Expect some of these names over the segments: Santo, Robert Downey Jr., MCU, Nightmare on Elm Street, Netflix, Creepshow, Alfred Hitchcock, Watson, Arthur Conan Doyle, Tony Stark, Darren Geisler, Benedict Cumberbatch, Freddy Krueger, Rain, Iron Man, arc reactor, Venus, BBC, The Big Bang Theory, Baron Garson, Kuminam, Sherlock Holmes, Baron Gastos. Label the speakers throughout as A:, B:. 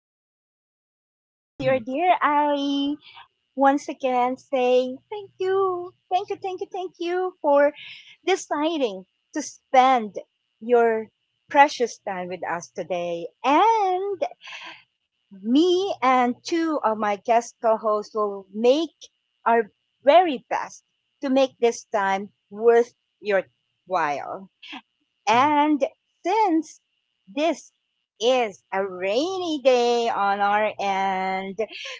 A: awesomeness. This is your
B: Mhm,
A: dear Ali. Once again, saying thank you, thank you, thank you, thank you for deciding to spend your precious time with us today. And me and two of my guest co-hosts will make our very best to make this time worth your while.
B: mhm,
A: And since this is a rainy day on our end,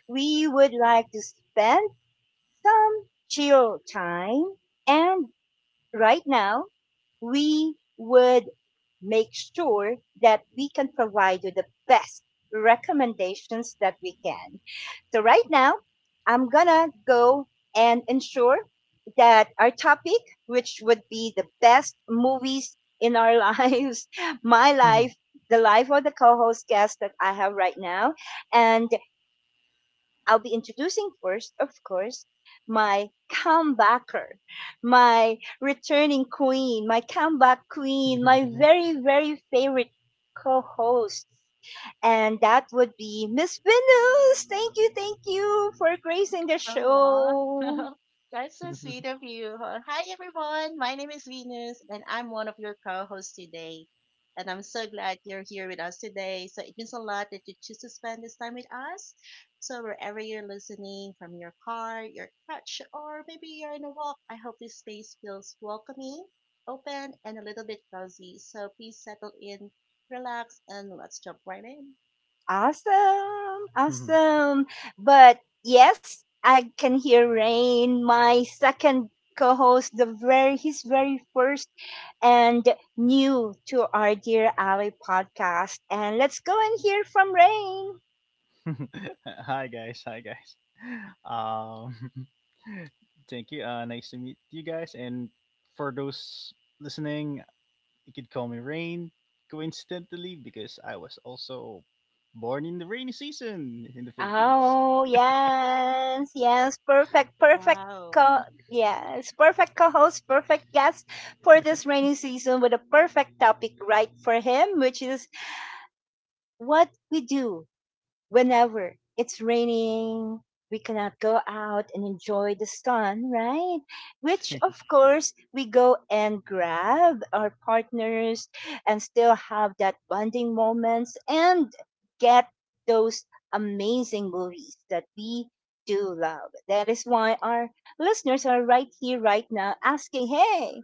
A: we would like to spend some chill time and right now, we would make sure that we can provide you the best recommendations that we can. So, right now, I'm gonna go and ensure that our topic, which would be the best movies in our lives, my
B: mhm.
A: life, the life of the co host guest that I have right now, and I'll be introducing first, of course, my comebacker, my returning queen, my comeback queen, my very, very favorite co host. And that would be Miss Venus. Thank you for gracing the
C: Oh, wow.
A: show.
C: That's so sweet of you. Hi, everyone. My name is Venus, and I'm one of your co hosts today. And I'm so glad you're here with us today. So it means a lot that you choose to spend this time with us. So, wherever you're listening from your car, your couch, or maybe you're in a walk, I hope this space feels welcoming, open, and a little bit cozy. So, please settle in, relax, and let's jump right in.
A: Awesome,
B: Mhm.
A: awesome. But yes, I can hear Rain, my second co-host, the very his very first and new to our Dear Ally podcast. And let's go and hear from Rain.
B: Hi guys, hi guys. Um, thank you. Nice to meet you guys. And for those listening, you could call me Rain coincidentally because I was also born in the rainy season in the Philippines.
A: Oh, yes, yes, perfect, perfect.
C: Wow.
A: Co- yes, perfect co host, perfect guest for this rainy season with a perfect topic right for him, which is what we do whenever it's raining, we cannot go out and enjoy the sun, right? Which, of course, we go and grab our partners and still have that bonding moments and get those amazing movies that we do love. That is why our listeners are right here, right now, asking, hey,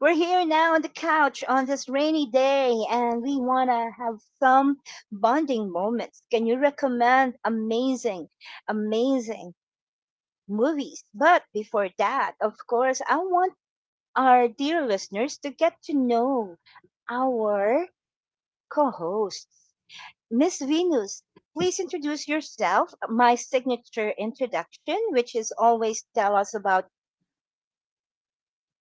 A: we're here now on the couch on this rainy day and we want to have some bonding moments. Can you recommend amazing, amazing movies? But before that, of course, I want our dear listeners to get to know our co hosts. Miss Venus, please introduce yourself, my signature introduction, which is always tell us about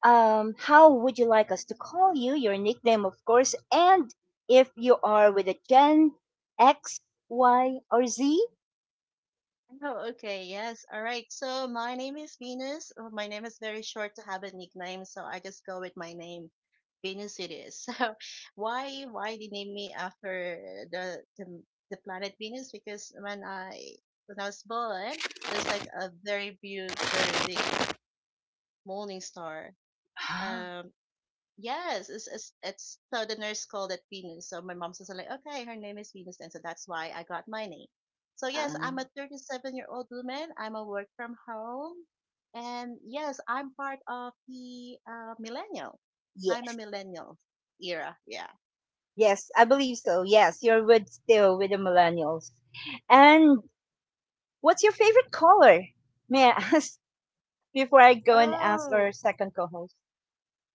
A: how would you like us to call you? Your nickname, of course, and if you are with a Gen X, Y, or Z.
C: Oh, okay. Yes. All right. So my name is Venus. Oh, my name is very short to have a nickname, so I just go with my name. Venus it is. So why they name me after the the, the planet Venus? Because when I was born, there's like a very big morning star. Um, Yes, it's so the nurse called it Venus. So my mom's also like, okay, her name is Venus, and so that's why I got my name. So
A: Ah,
C: yes, I'm
A: um,
C: a 37-year-old woman. I'm a work from home, and yes, I'm part of the millennial. I'm a
A: yes,
C: millennial era. Yeah.
A: yes, I believe so. Yes, you're with still with the millennials. And what's your favorite color? May I ask before I go and ask our
C: Oh
A: second co-host?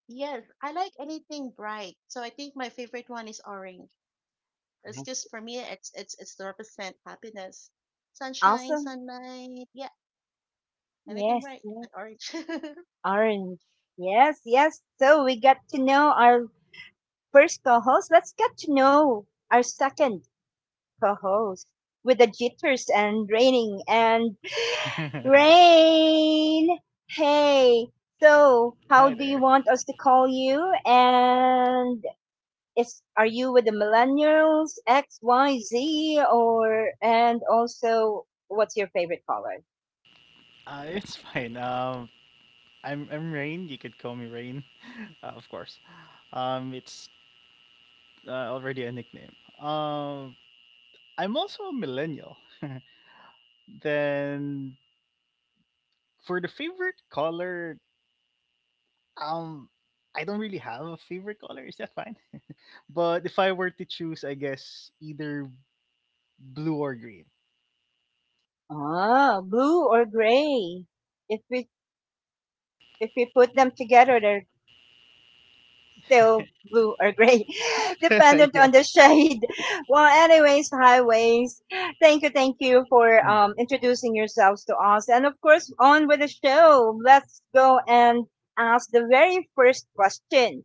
C: yes, I like anything bright. So I think my favorite one is orange. It's
A: Yes.
C: just for me, it's to represent happiness, sunshine,
A: Awesome.
C: sunlight. Yeah, anything
A: Yes,
C: bright,
A: yes.
C: and orange.
A: Orange. Yes, yes. So we got to know our first co-host. Let's get to know our second co-host with the jitters and raining and rain. Hey, so how
B: Hi
A: do you
B: there.
A: want us to call you? And is are you with the millennials, X, Y, Z, or and also what's your favorite color?
B: It's fine. I'm Rain. You could call me Rain, of course. It's already a nickname. Um, I'm also a millennial. Then for the favorite color, um, I don't really have a favorite color. Is that fine? But if I were to choose, I guess either blue or green.
A: Ah, blue or gray. If we if we put them together, they're still blue or gray, dependent on the
B: Yes.
A: shade. Well, anyways, highways. Thank you for introducing yourselves to us, and of course, on with the show. Let's go and ask the very first question.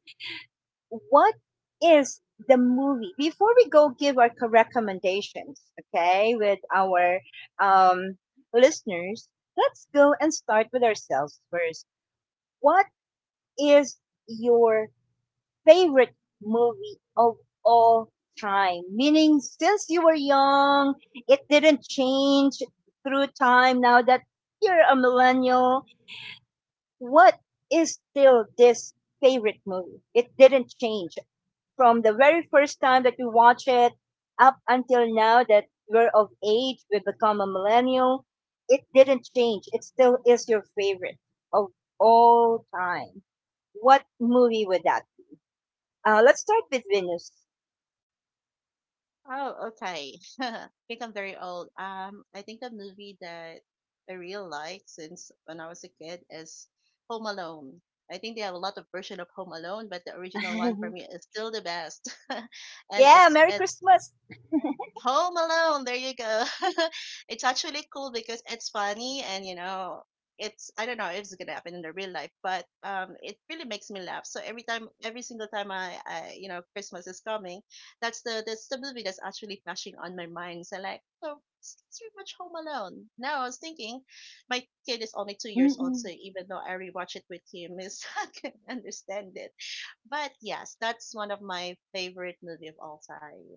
A: What is the movie? Before we go, give our co- recommendations, okay, with our um, listeners. Let's go and start with ourselves first. What is your favorite movie of all time? Meaning, since you were young, it didn't change through time. Now that you're a millennial, what is still this favorite movie? It didn't change from the very first time that you watch it up until now that we're of age, we become a millennial. It didn't change. It still is your favorite of all time. What movie would that let's start with Venus.
C: Oh, okay. I think I'm very old. I think a movie that I really like since when I was a kid is Home Alone. I think they have a lot of version of Home Alone, but the original one for me is still the best. And
A: Yeah,
C: it's
A: Merry
C: it's
A: Christmas.
C: Home Alone. There you go. It's actually cool because it's funny and you know it's, I don't know if it's gonna happen in the real life, but it really makes me laugh. So every time, every single time I you know Christmas is coming, that's the movie that's actually flashing on my mind. So like oh. It's pretty much Home Alone. Now I was thinking, my kid is only 2 years old, so
A: Mm-mm.
C: even though I rewatch it with him, he's not gonna understand it. But yes, that's one of my favorite movie of all time.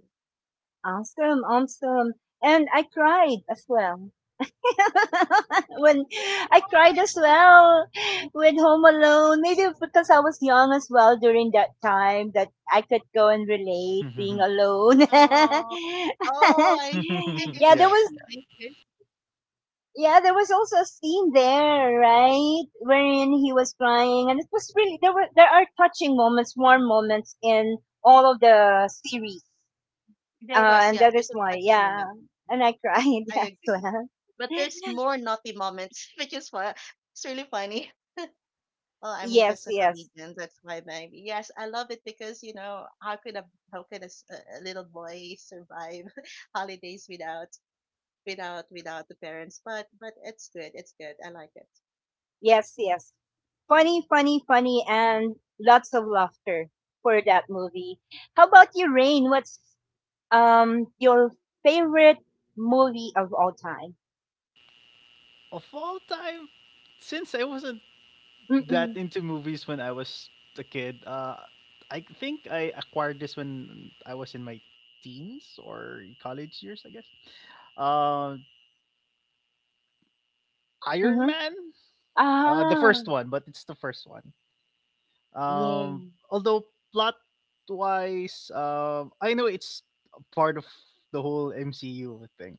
A: Awesome, awesome. And I cried as well. when I cried as well when Home Alone, maybe because I was young as well during that time that I could go and relate being alone.
C: Oh. Oh, I see.
A: yeah, there
B: Yeah.
A: was
C: I see.
A: Yeah, there was also a scene there, right, wherein he was crying, and it was really there are touching moments, warm moments in all of the series,
C: There was,
A: and
C: yeah,
A: that
C: there's
A: is
C: a
A: why,
C: touching
A: yeah,
C: moment.
A: and I cried
C: I
A: as
C: agree.
A: well.
C: But there's more naughty moments, which is what it's really funny. Well, I'm
A: Yes,
C: just a
A: yes,
C: comedian, that's why maybe. Yes, I love it because, you know, how could a little boy survive holidays without without the parents? But it's good, it's good. I like it.
A: yes, yes. Funny, funny, funny, and lots of laughter for that movie. How about you, Rain? What's your favorite movie of all time?
B: Of all time, since I wasn't that
A: Mm-mm,
B: into movies when I was a kid, I think I acquired this when I was in my teens or college years, I guess. Uh, Iron
A: mm-hmm.
B: Man. The
A: Ah.
B: first one, but it's the first one.
A: Yeah.
B: Um, Although plot wise, I know it's part of the whole MCU thing,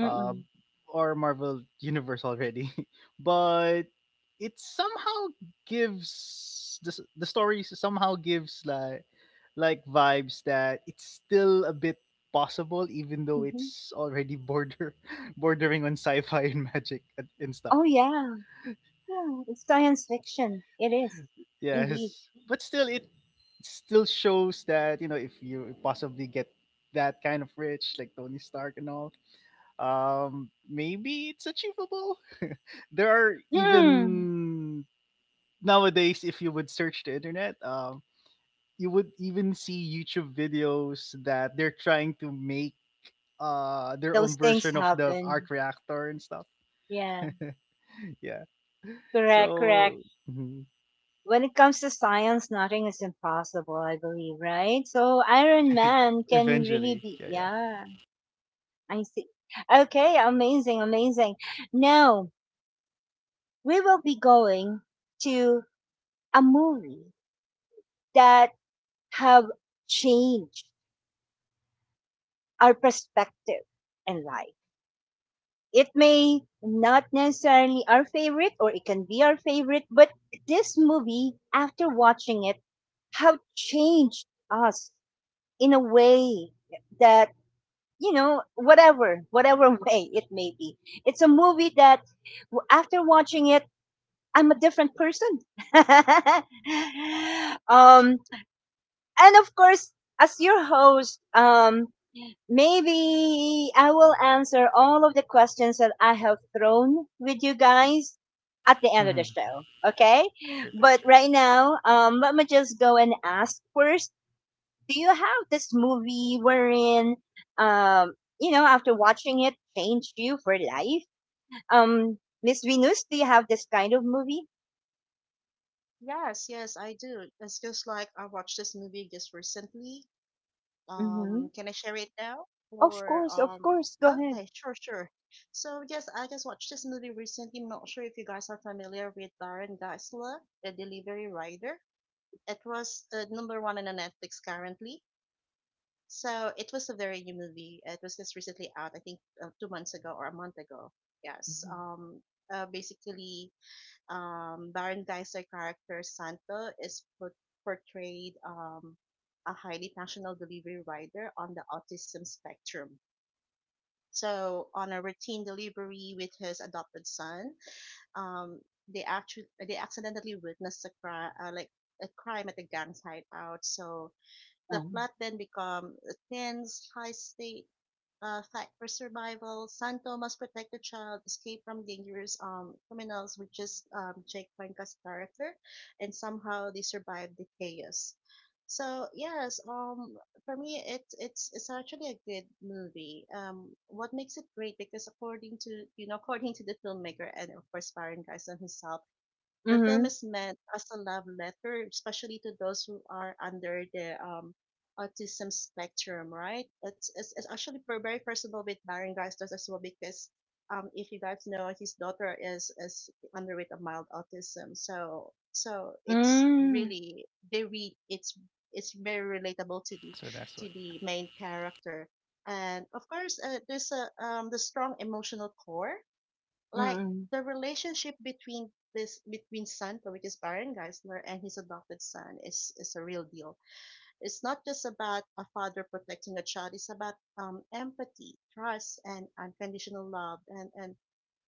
B: uh,
A: Mm-mm.
B: or Marvel Universe already, but it somehow gives the story somehow gives like vibes that it's still a bit possible even though
A: Mhm.
B: it's already border bordering on sci-fi and magic and stuff.
A: Oh, yeah. Yeah, it's science fiction. It is. Indeed.
B: Yes, but still, it still shows that you know if you possibly get that kind of rich, like Tony Stark and all, maybe it's achievable. There are
A: Mm.
B: even nowadays, if you would search the internet, you would even see YouTube videos that they're trying to make their
A: Those
B: own
A: things
B: version of the arc
A: happen.
B: reactor and stuff.
A: Yeah.
B: Yeah.
A: Correct, correct.
B: So mhm,
A: When it comes to science, nothing is impossible, I believe, right? So Iron Man can really
B: eventually,
A: be,
B: yeah, yeah.
A: yeah, I see. Okay, amazing, amazing. Now, we will be going to a movie that have changed our perspective in life. It may not necessarily our favorite or it can be our favorite but this movie after watching it have changed us in a way that you know whatever way it may be it's a movie that w- after watching it I'm a different person. um and of course as your host maybe I will answer all of the questions that I have thrown with you guys at the end of
B: Mhm.
A: the show. Okay?
B: Sure thing,
A: But
B: sure.
A: right now, let me just go and ask first. Do you have this movie wherein, um, you know, after watching it, changed you for life? Miss Venus, do you have this kind of movie?
C: Yes, yes, I do. It's just like I watched this movie just recently.
A: Mm-hmm.
C: Can I share it now?
A: Of
C: Or
A: course, of course. Go ahead.
C: Okay, sure. So yes, I just watched this movie recently. I'm not sure if you guys are familiar with Darren Geisler, the delivery rider. It was number one on the Netflix currently. So it was a very new movie. It was just recently out, I think, 2 months ago or a month ago. Yes.
A: Mm-hmm.
C: Basically, Barangay's character Santo is portrayed a highly functional delivery rider on the autism spectrum. So on a routine delivery with his adopted son, um, they accidentally witnessed a crime, like a crime at the gang's hideout. So the plot then becomes a tense, high-stake fight for survival. Santo must protect the child, escape from dangerous criminals, which is Jake Cuenca's character, and somehow they survive the chaos. So yes, for me, it's actually a good movie. What makes it great because according to you know according to the filmmaker and of course Baron Garson himself, the
A: Mm-hmm.
C: film is meant as a love letter, especially to those who are under the autism spectrum, right? It's actually very personal with Baron Gastos as well because if you guys know, his daughter is underweight of mild autism. So so it's
A: Mm-hmm.
C: really they read it's very relatable to the
B: So that's why.
C: main character. And of course, there's a the strong emotional core like
A: Mm-hmm.
C: the relationship between Santo, which is Baron Geisler, and his adopted son is a real deal. It's not just about a father protecting a child. It's about empathy, trust, and unconditional love. And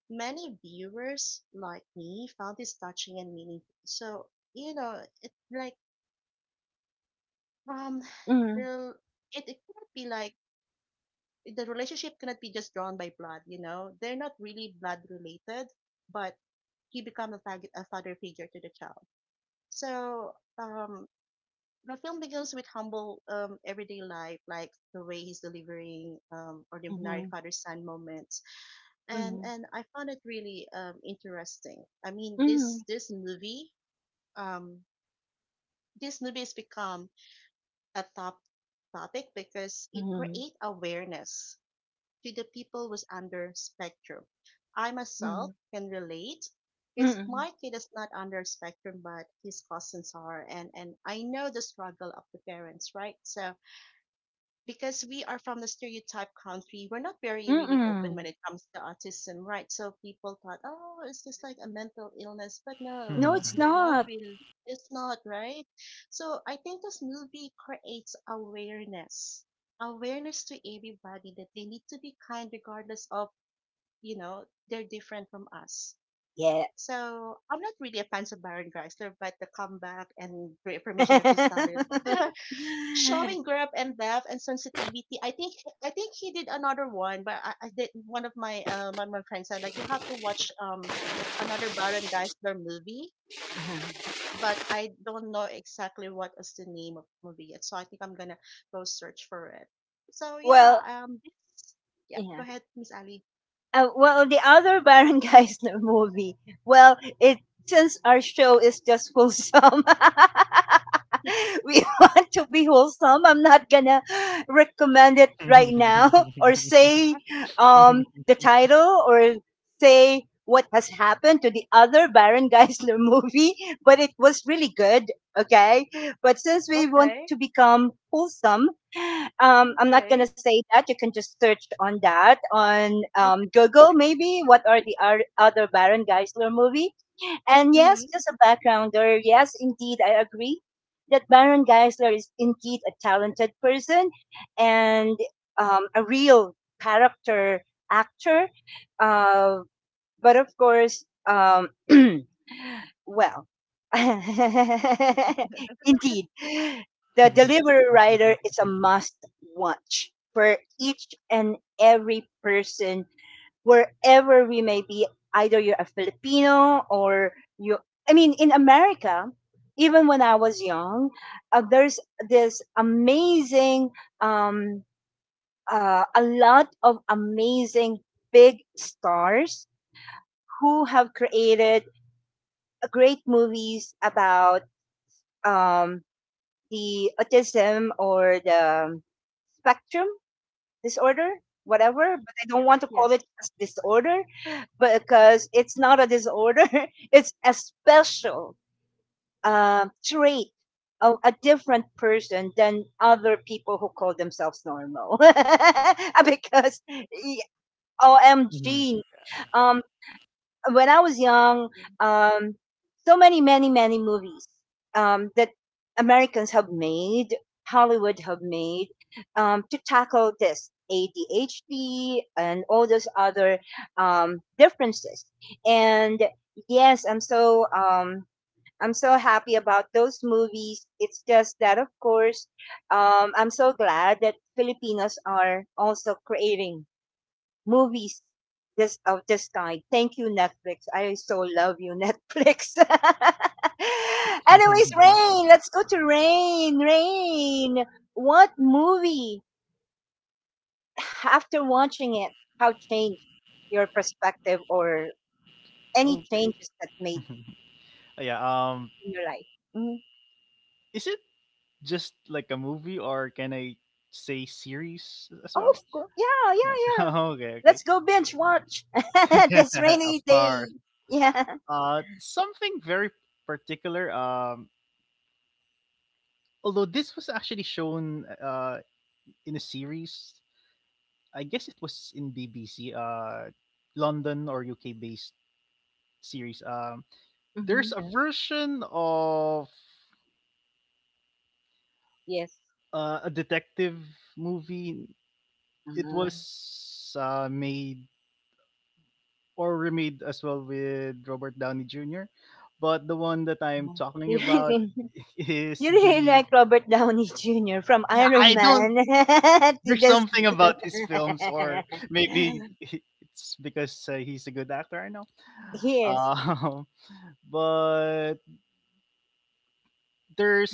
C: many viewers like me found this touching and meaningful. So you know, it's like um, the it it cannot be like the relationship cannot be just drawn by blood. You know, they're not really blood related, but you become a father figure to the child. So um, the film begins with humble everyday life, like the way he's delivering ordinary
A: Mm-hmm.
C: father-son moments,
A: Mm-hmm.
C: and I found it really interesting. I mean, this
A: Mhm,
C: this movie, um, this movie has become a top topic because it
A: mhm,
C: creates awareness to the people with under spectrum. I myself can relate because
A: mhm,
C: my kid is not under spectrum, but his cousins are, and I know the struggle of the parents, right? So because we are from the stereotype country, we're not very
A: mm,
C: really open when
A: mm.
C: it comes to autism, right? So people thought, oh, it's just like a mental illness, but no,
B: Okay.
A: No,
C: no,
A: it's
C: they're not
A: not.
C: really. It's not right. So I think this movie creates awareness, awareness to everybody that they need to be kind regardless of you know they're different from us.
A: Yeah.
C: So I'm not really a fan of Baron Geisler, but the comeback and reaffirmation of his talent showing grip and depth and sensitivity. I think he did another one, but I did one of my friends said like you have to watch another Baron Geisler movie,
A: Uh-huh.
C: but I don't know exactly what is the name of the movie yet. So I think I'm gonna go search for it. So yeah,
A: Well,
C: this yeah,
A: yeah.
C: go ahead, Miss Ali.
A: Well, the other Barangay's movie. Well, it since our show is just full sum. we want to be wholesome. I'm not gonna recommend it right now or say
C: Ah,
A: the title or say what has happened to the other Baron Geisler movie, but it was really good. Okay. But since we want
C: Okay.
A: to become wholesome, I'm not gonna
C: Okay.
A: say that. You can just search on that on
C: Okay.
A: Google, maybe. What are the ar- other Baron Geisler movie? And yes,
C: Mm-hmm.
A: just a backgrounder. Yes, indeed, I agree that Baron Geisler is indeed a talented person and a real character actor. Uh, but of course, well, indeed, the delivery rider is a must watch for each and every person wherever we may be, either you're a Filipino or you, I mean, in America, even when I was young, there's this amazing, um, a lot of amazing big stars who have created great movies about um, the autism or the spectrum disorder, whatever. But I don't
C: Yeah.
A: want to call
C: Yes.
A: it as disorder
C: Yes.
A: because it's not a disorder. It's a special trait of a different person than other people who call themselves normal. because y- OMG, um, when I was young, um, so many, many, many movies that Americans have made, Hollywood have made, to tackle this ADHD and all those other differences. And yes, I'm so happy about those movies. It's just that, of course, I'm so glad that Filipinos are also creating movies this of this kind. Thank you, Netflix. I so love you, Netflix. Anyways, Rain, let's go to Rain. Rain, what movie after watching it, how changed your perspective or any changes that made
B: Yeah,
A: in your life? Mhm.
B: is it just like a movie or can I say series as
A: Oh,
B: well?
A: of course. Yeah,
B: Right.
A: yeah, yeah.
B: Okay, okay.
A: Let's go binge watch this
B: Of
A: rainy day.
B: course.
A: Yeah.
B: Uh, something very particular, although this was actually shown in a series. I guess it was in BBC, London or UK based series. There's
A: Hmm.
B: a version of
A: Yes.
B: a detective movie. It
A: Uh-huh.
B: was made or remade as well with Robert Downey Jr. But the one that I'm talking about is
A: You really
B: the
A: like Robert Downey Jr. from
B: yeah.
A: Iron
B: I don't.
A: Man to
B: There's
A: this.
B: something about his films, or maybe it's because he's a good actor. I know.
A: he is.
B: Um, but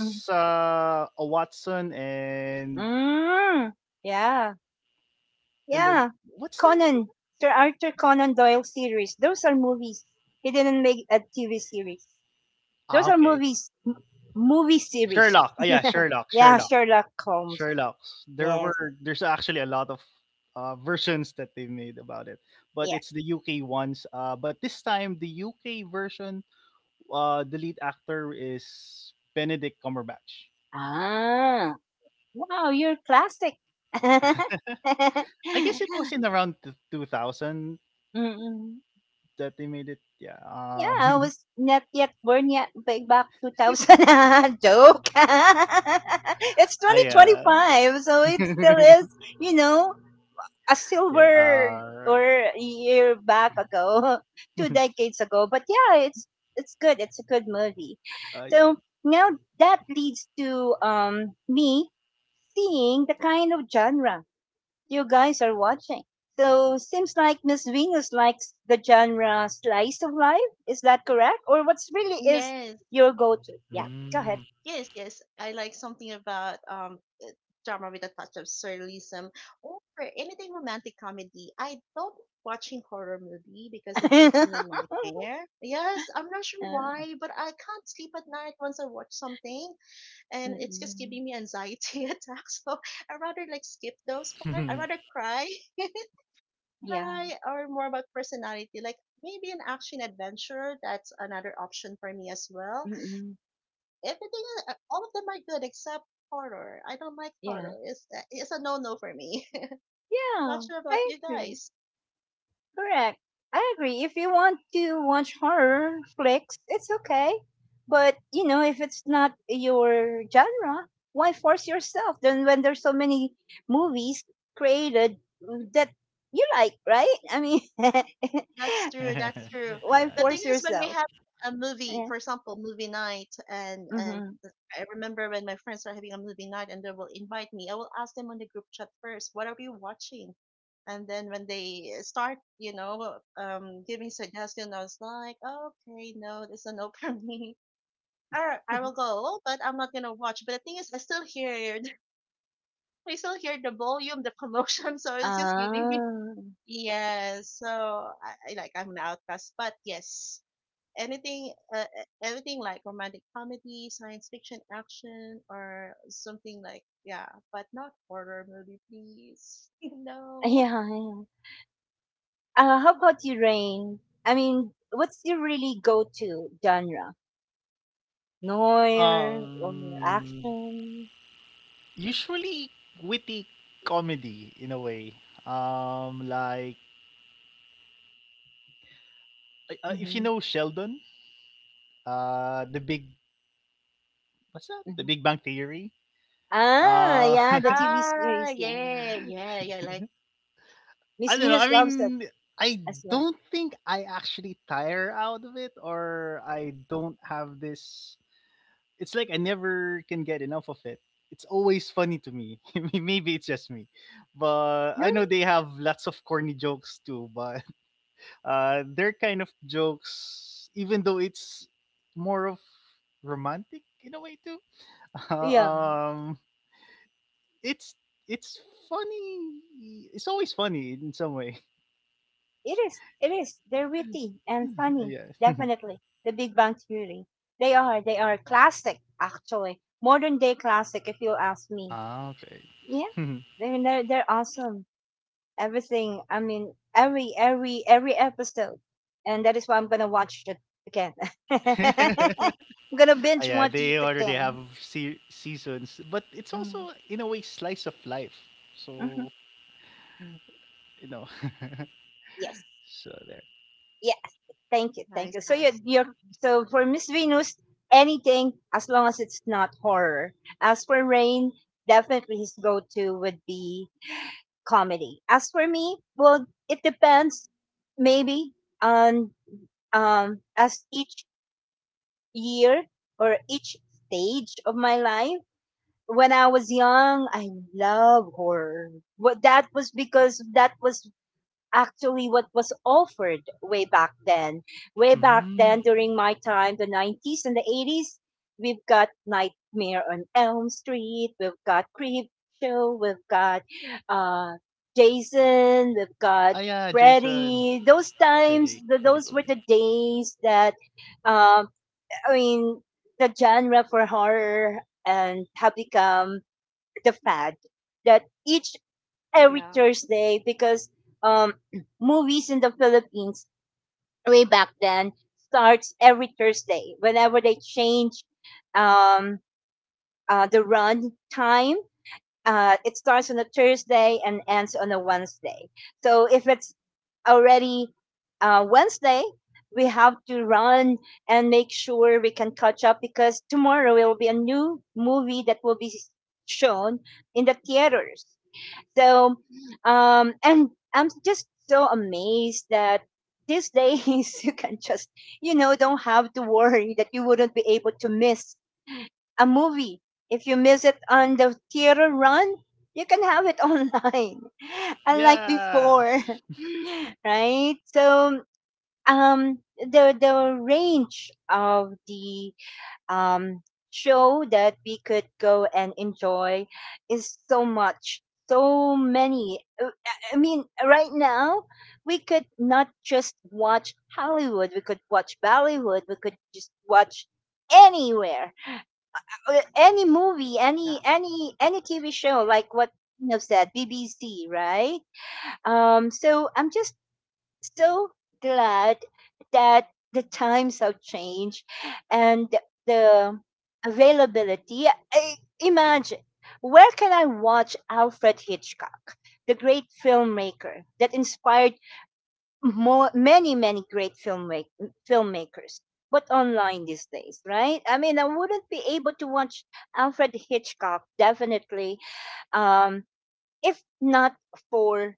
A: Mm.
B: a Watson
A: Mm. Yeah.
B: and then
A: Yeah.
B: what's the name?
A: Conan. Sir Arthur Conan Doyle series. Those are movies. He didn't make a TV series.
B: Ah,
A: Those are
B: okay.
A: movies. M- movie series.
B: Sherlock. Ah, yeah, Sherlock,
A: Yeah,
B: Sherlock,
A: Sherlock Holmes.
B: Sherlock. There
A: Yes.
B: were there's actually a lot of versions that they made about it, but
A: Yeah.
B: it's the UK ones. But this time the UK version, the lead actor is Benedict Cumberbatch.
A: Ah. Wow, you're classic.
B: I guess it was in around 2000
A: Mm, mm.
B: that they made it. Yeah.
A: Yeah, I was not yet born yet ba- back 2000. Joke. it's
B: I,
A: 2025, so it still is, you know, a
B: yeah.
A: silver or a year back ago, two decades ago. But yeah, it's good. It's a good movie.
B: Yeah.
A: So now that leads to me seeing the kind of genre you guys are watching. So seems like Miss Venus likes the genre slice of life. Is that correct? Or what's really is
C: Yes.
A: your go-to? Yeah, go ahead.
C: Yes, yes. I like something about drama with a touch of surrealism or anything romantic comedy. I don't like watching horror movie because it gives me nightmare. Yes, I'm not sure
A: Uh,
C: why, but I can't sleep at night once I watch something
A: mm,
C: and it's just
A: mm,
C: giving me anxiety attacks. So I rather like skip those part. I
B: Mm.
C: rather cry,
A: yeah,
C: cry or more about personality. Like maybe an action adventure, that's another option for me as well.
A: mm, mm,
C: Everything, all of them are good except horror. I don't like
A: yeah,
C: horror. It's a no-no for me. Not
A: yeah.
C: sure about
A: I
C: you
A: agree.
C: guys.
A: Correct. I agree. If you want to watch horror flicks, it's okay. But, you know, if it's not your genre, why force yourself? Then when there's so many movies created that you like, right? I mean,
C: That's true.
B: Yeah,
C: That's true.
A: why
C: The
B: yeah.
C: thing
A: force
C: is, when we
A: yourself?
C: have a movie,
A: Yeah.
C: for example, movie night, and
A: Mm-hmm.
C: I remember when my friends are having a movie night and they will invite me. I will ask them on the group chat first, what are we watching? And then when they start, you know, giving suggestions, I was like, okay, no, this is a no for me. I will go, but I'm not gonna watch. But the thing is, I still hear, I still hear the volume, the commotion, so it's just giving me.
A: Ah.
C: Yes, so I'm an outcast, but yes, everything like romantic comedy, science fiction, action, or something like yeah, but not horror movie, please. No.
A: Yeah, yeah. How about you, Rain? I mean, what's your really go-to genre? Noir or
B: Um,
A: action?
B: usually witty comedy in a way. Like if you
A: Mm-hmm.
B: know Sheldon, the big what's that? The
A: Mm-hmm.
B: Big Bang Theory.
A: Ah,
B: Uh,
A: yeah, the TV
C: Ah,
A: series. Yeah, yeah.
C: yeah, yeah, yeah. Like
A: Miss
B: I don't know.
A: Venus
B: I
A: loves it
B: mean, I
A: as well.
B: don't think I actually tire out of it, or I don't have this. It's like I never can get enough of it. It's always funny to me. Maybe it's just me, but
A: No,
B: I know they have lots of corny jokes too. But their kind of jokes, even though it's more of romantic in a way too.
A: yeah,
B: um, it's it's funny. It's always funny in some way.
A: it is. It is. They're witty and funny.
B: Yeah.
A: Definitely, The Big Bang Theory. They are. They are classic, actually, modern day classic. If you ask me,
B: Ah, okay.
A: yeah, they're awesome. Everything. I mean, every episode, and that is why I'm gonna watch it again. I'm gonna
B: Ah,
A: binge
B: yeah,
A: watch
B: they
A: it
B: already have
A: again.
B: seasons, but it's
A: Mm,
B: also in a way slice of life.
A: mm-hmm.
B: So you know,
A: Yes.
B: so there.
A: Thank you, thank
C: nice,
A: you. So you,
C: nice.
A: you're so for Miss Venus, anything as long as it's not horror. As for Rain, definitely his go-to would be comedy. As for me, well, it depends, maybe on as each year or each stage of my life. When I was young, I love horror. What that was because that was actually what was offered way back then. Way back
B: Mm-hmm.
A: then, during my time, the 90s and the 80s, we've got Nightmare on Elm Street, we've got Creepshow, we've got uh, Jason, we've
B: Ah
A: got
B: yeah, Jason,
A: Freddy. Those times,
B: Freddy, Freddy
A: those were
B: Krueger.
A: the days that, um, I mean, the genre for horror and have become the fad that each every
C: Yeah,
A: Thursday because um, movies in the Philippines way back then starts every Thursday. Whenever they change um, the run time, it starts on a Thursday and ends on a Wednesday. So if it's already Wednesday, we have to run and make sure we can catch up because tomorrow will be a new movie that will be shown in the theaters. So, and I'm just so amazed that these days you can just, you know, don't have to worry that you wouldn't be able to miss a movie. If you miss it on the theater run, you can have it online, unlike
B: Yeah.
A: before, right? So, the range of the um, show that we could go and enjoy is so much, so many. I mean, right now, we could not just watch Hollywood, we could watch Bollywood, we could just watch anywhere any movie,
C: yeah,
A: any TV show like what you have said, BBC, right? So I'm just so glad that the times have changed and the availability. Imagine where can I watch Alfred Hitchcock, the great filmmaker that inspired more, many, many great filmmakers? But online these days, right? I mean, I wouldn't be able to watch Alfred Hitchcock definitely, um, if not for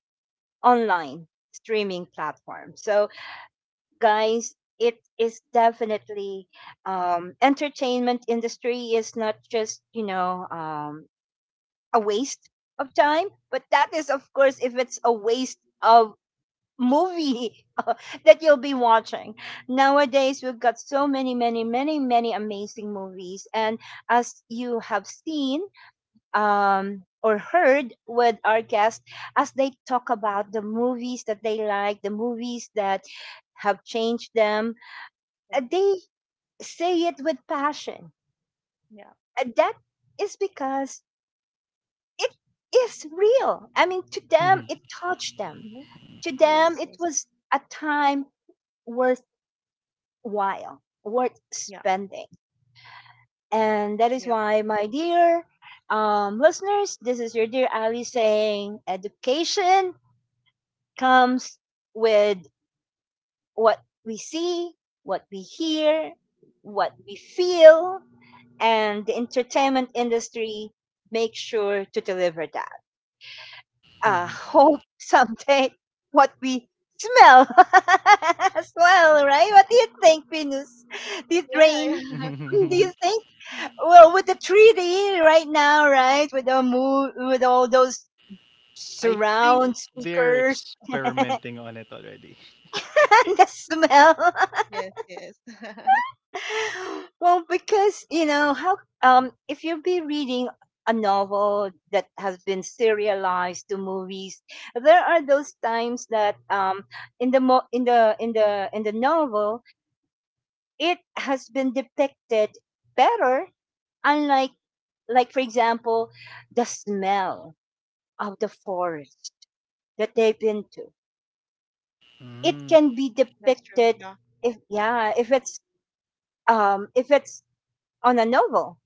A: online streaming platforms. So guys, it is definitely, entertainment industry is not just, you know, a waste of time, but that is of course if it's a waste of movie that you'll be watching. Nowadays we've got so many amazing movies, and as you have seen or heard with our guests, as they talk about the movies that they like, the movies that have changed them,
C: yeah,
A: they say it with passion.
C: yeah.
A: That is because it is real. I mean, to them, it touched them.
C: Hmm.
A: To them,
C: Yes,
A: it
C: yes.
A: was a time worthwhile, worth spending. And that is
C: Yeah,
A: why, my dear listeners, this is your dear Ali saying education comes with what we see, what we hear, what we feel, and the entertainment industry make sure to deliver that. Hope someday what we smell as
C: yeah.
A: well, right? What do you think, Venus? Do you
C: Yeah,
A: rain?
C: yeah.
A: Do you think? Well, with the treaty right now, right? With the move, with all those
B: I think
A: surround
B: they're
A: speakers
B: experimenting on it already.
A: and the smell.
C: Yes, yes.
A: Well, because you know how, if you'll be reading a novel that has been serialized to movies, there are those times that, in the mo- in the in the in the novel it has been depicted better, unlike, like for example, the smell of the forest that they've been to. It
B: Mm.
A: can be
C: That's true.
A: depicted
C: Yeah.
A: if, yeah, if it's, um, if it's on a novel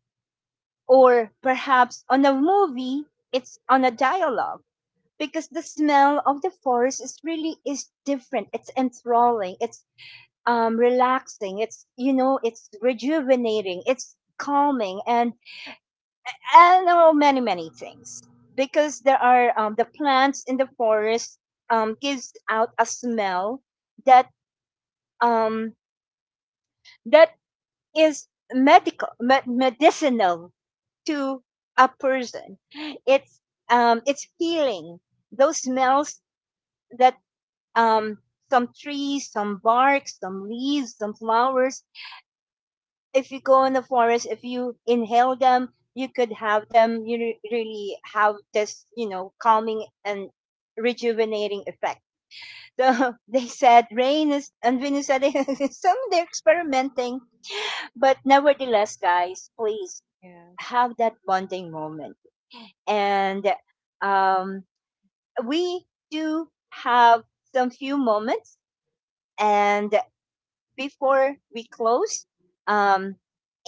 A: or perhaps on a movie, it's on a dialogue, because the smell of the forest is really is different, it's enthralling, it's relaxing, it's, you know, it's rejuvenating, it's calming, and oh, many many things, because there are, the plants in the forest gives out a smell that, um that is medicinal to a person. It's, it's healing. Those smells that, um, some trees, some bark, some leaves, some flowers. If you go in the forest, if you inhale them, you could have them. You really have this, you know, calming and rejuvenating effect. So they said Rain is, and Venus said some, they're experimenting, but nevertheless, guys, please
C: Yes.
A: have that bonding moment and, um, we do have some few moments, and before we close, um,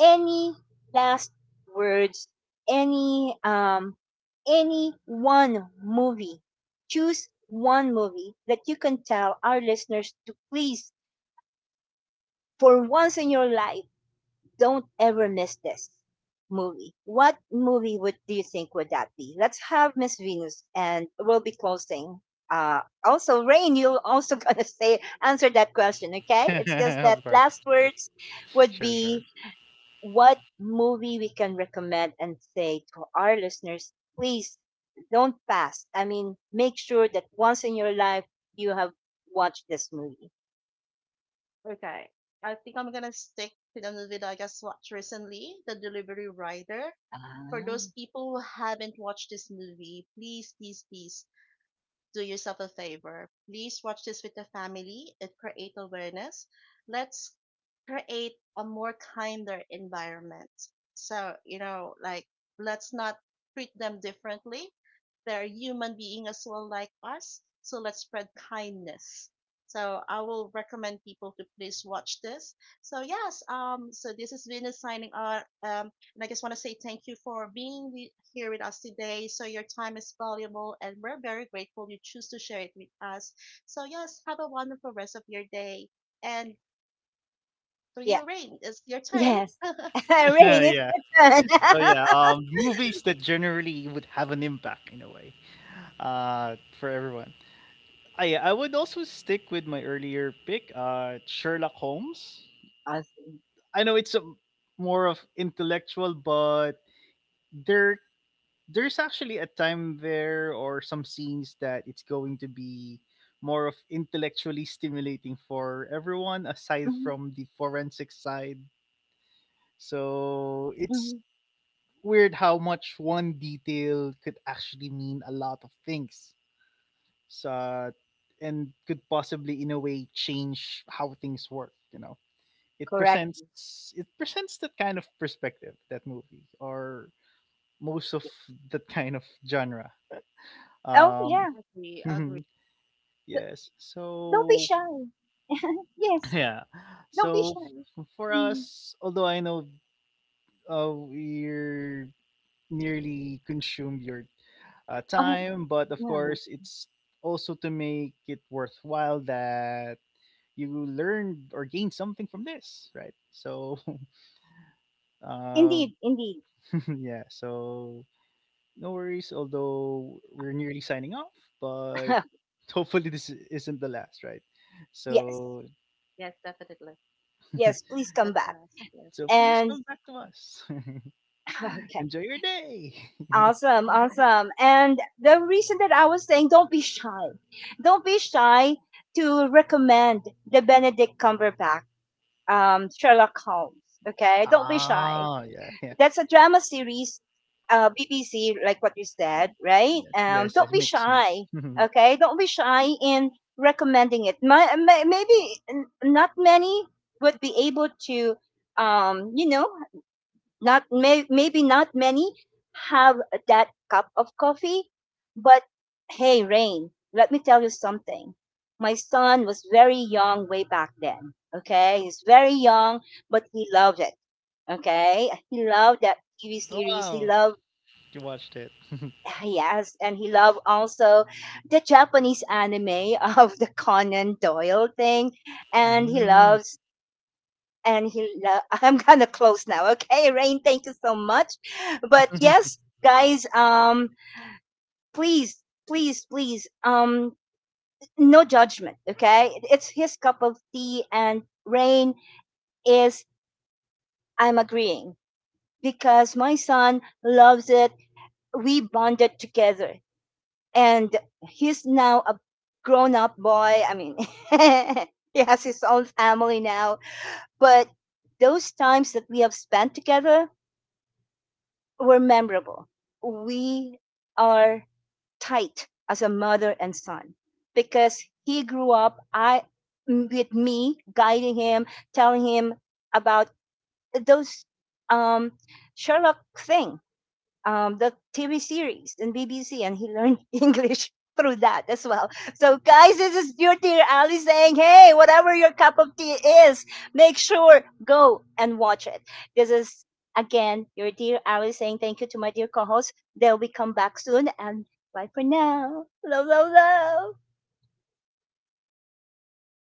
A: any last words, any, any one movie, choose one movie that you can tell our listeners to please, for once in your life, don't ever miss this movie. What movie would do you think would that be? Let's have Miss Venus, and we'll be closing. Also, Rain, you're also gonna say, answer that question, okay? It's just
B: Of
A: that
B: course,
A: last
B: of course.
A: words would
B: Sure, sure.
A: be what movie we can recommend and say to our listeners. Please don't pass. I mean, make sure that once in your life you have watched this movie.
C: Okay. I think I'm gonna stick to the movie that I just watched recently, The Delivery Rider. For
A: Ah.
C: those people who haven't watched this movie, please, please, please do yourself a favor. Please watch this with the family. It creates awareness. Let's create a more kinder environment. So, you know, like, let's not treat them differently. They're human being as well like us. So let's spread kindness. So I will recommend people to please watch this. So yes, so this is Venus signing out. And I just want to say thank you for being here with us today. So your time is valuable and we're very grateful you choose to share it with us. So yes, have a wonderful rest of your day. And to
A: Yeah.
C: you, Rain, it's your turn.
A: Yes. Rain, it's
B: Yeah.
A: your turn.
B: So yeah, movies that generally would have an impact in a way. Uh, for everyone. I would also stick with my earlier pick, uh, Sherlock Holmes.
A: Awesome.
B: I know it's a, more of intellectual, but there there's actually a time there or some scenes that it's going to be more of intellectually stimulating for everyone aside
A: Mhm,
B: from the forensic side, so it's
A: mhm.
B: weird how much one detail could actually mean a lot of things. So and could possibly in a way change how things work, you know. it
A: Correct.
B: presents it presents that kind of perspective, that movie or most of
A: Yes.
B: that kind of genre.
A: Oh,
B: um
A: yeah.
C: Agree, agree.
B: Mhm.
A: D-
B: Yes.
A: don't be
B: So
A: shy. Yes.
B: yeah.
A: Don't be
B: So
A: shy.
B: for
A: Mm.
B: us, although I know we're nearly consumed your
A: Oh,
B: time, but of
A: yeah.
B: course, it's also to make it worthwhile that you learn or gain something from this, right? So, uh,
A: Indeed. Indeed.
B: yeah, so no worries, although we're nearly signing off, but hopefully, this isn't the last, right?
A: Yes.
B: So,
C: Yes, definitely.
A: Yes. Please
C: Not
A: come
C: the
A: back.
C: last. Yes,
B: so please
C: yes.
A: And
B: come back to us.
A: okay.
B: Enjoy your day.
A: Awesome. Awesome. And the reason that I was saying don't be shy. Don't be shy to recommend the Benedict Cumberbatch, Sherlock Holmes. Okay. Don't be shy.
B: Ah, yeah, yeah.
A: That's a drama series, BBC, like what you said, right?
B: Yes, yes, yes.
A: Don't be
B: Mix, mix.
A: shy, okay? Don't be shy in recommending it. Maybe not many would be able to, you know, not may, maybe not many have that cup of coffee, but hey, Rain, let me tell you something. My son was very young way back then. Okay, he's very young, but he loved it. Okay, he loved that TV series. He
B: Wow,
A: loved
B: you watched it.
A: yes, and he loved also the Japanese anime of the Conan Doyle thing, and he
B: Mm.
A: loves. And I'm gonna close now. Okay, Rain, thank you so much. But yes, guys, please, please, please, no judgment. Okay, it's his cup of tea, and Rain is. I'm agreeing because my son loves it, we bonded together, and he's now a grown up boy. I mean, he has his own family now. But those times that we have spent together were memorable. We are tight as a mother and son, because he grew up I with me guiding him, telling him about those, um, Sherlock thing, the TV series in BBC, and he learned English through that as well. So, guys, this is your dear Ali saying, hey, whatever your cup of tea is, make sure go and watch it. This is again your dear Ali saying thank you to my dear co-host. They'll be come back soon, and bye for now. Love, love, love.
B: Bye, guys.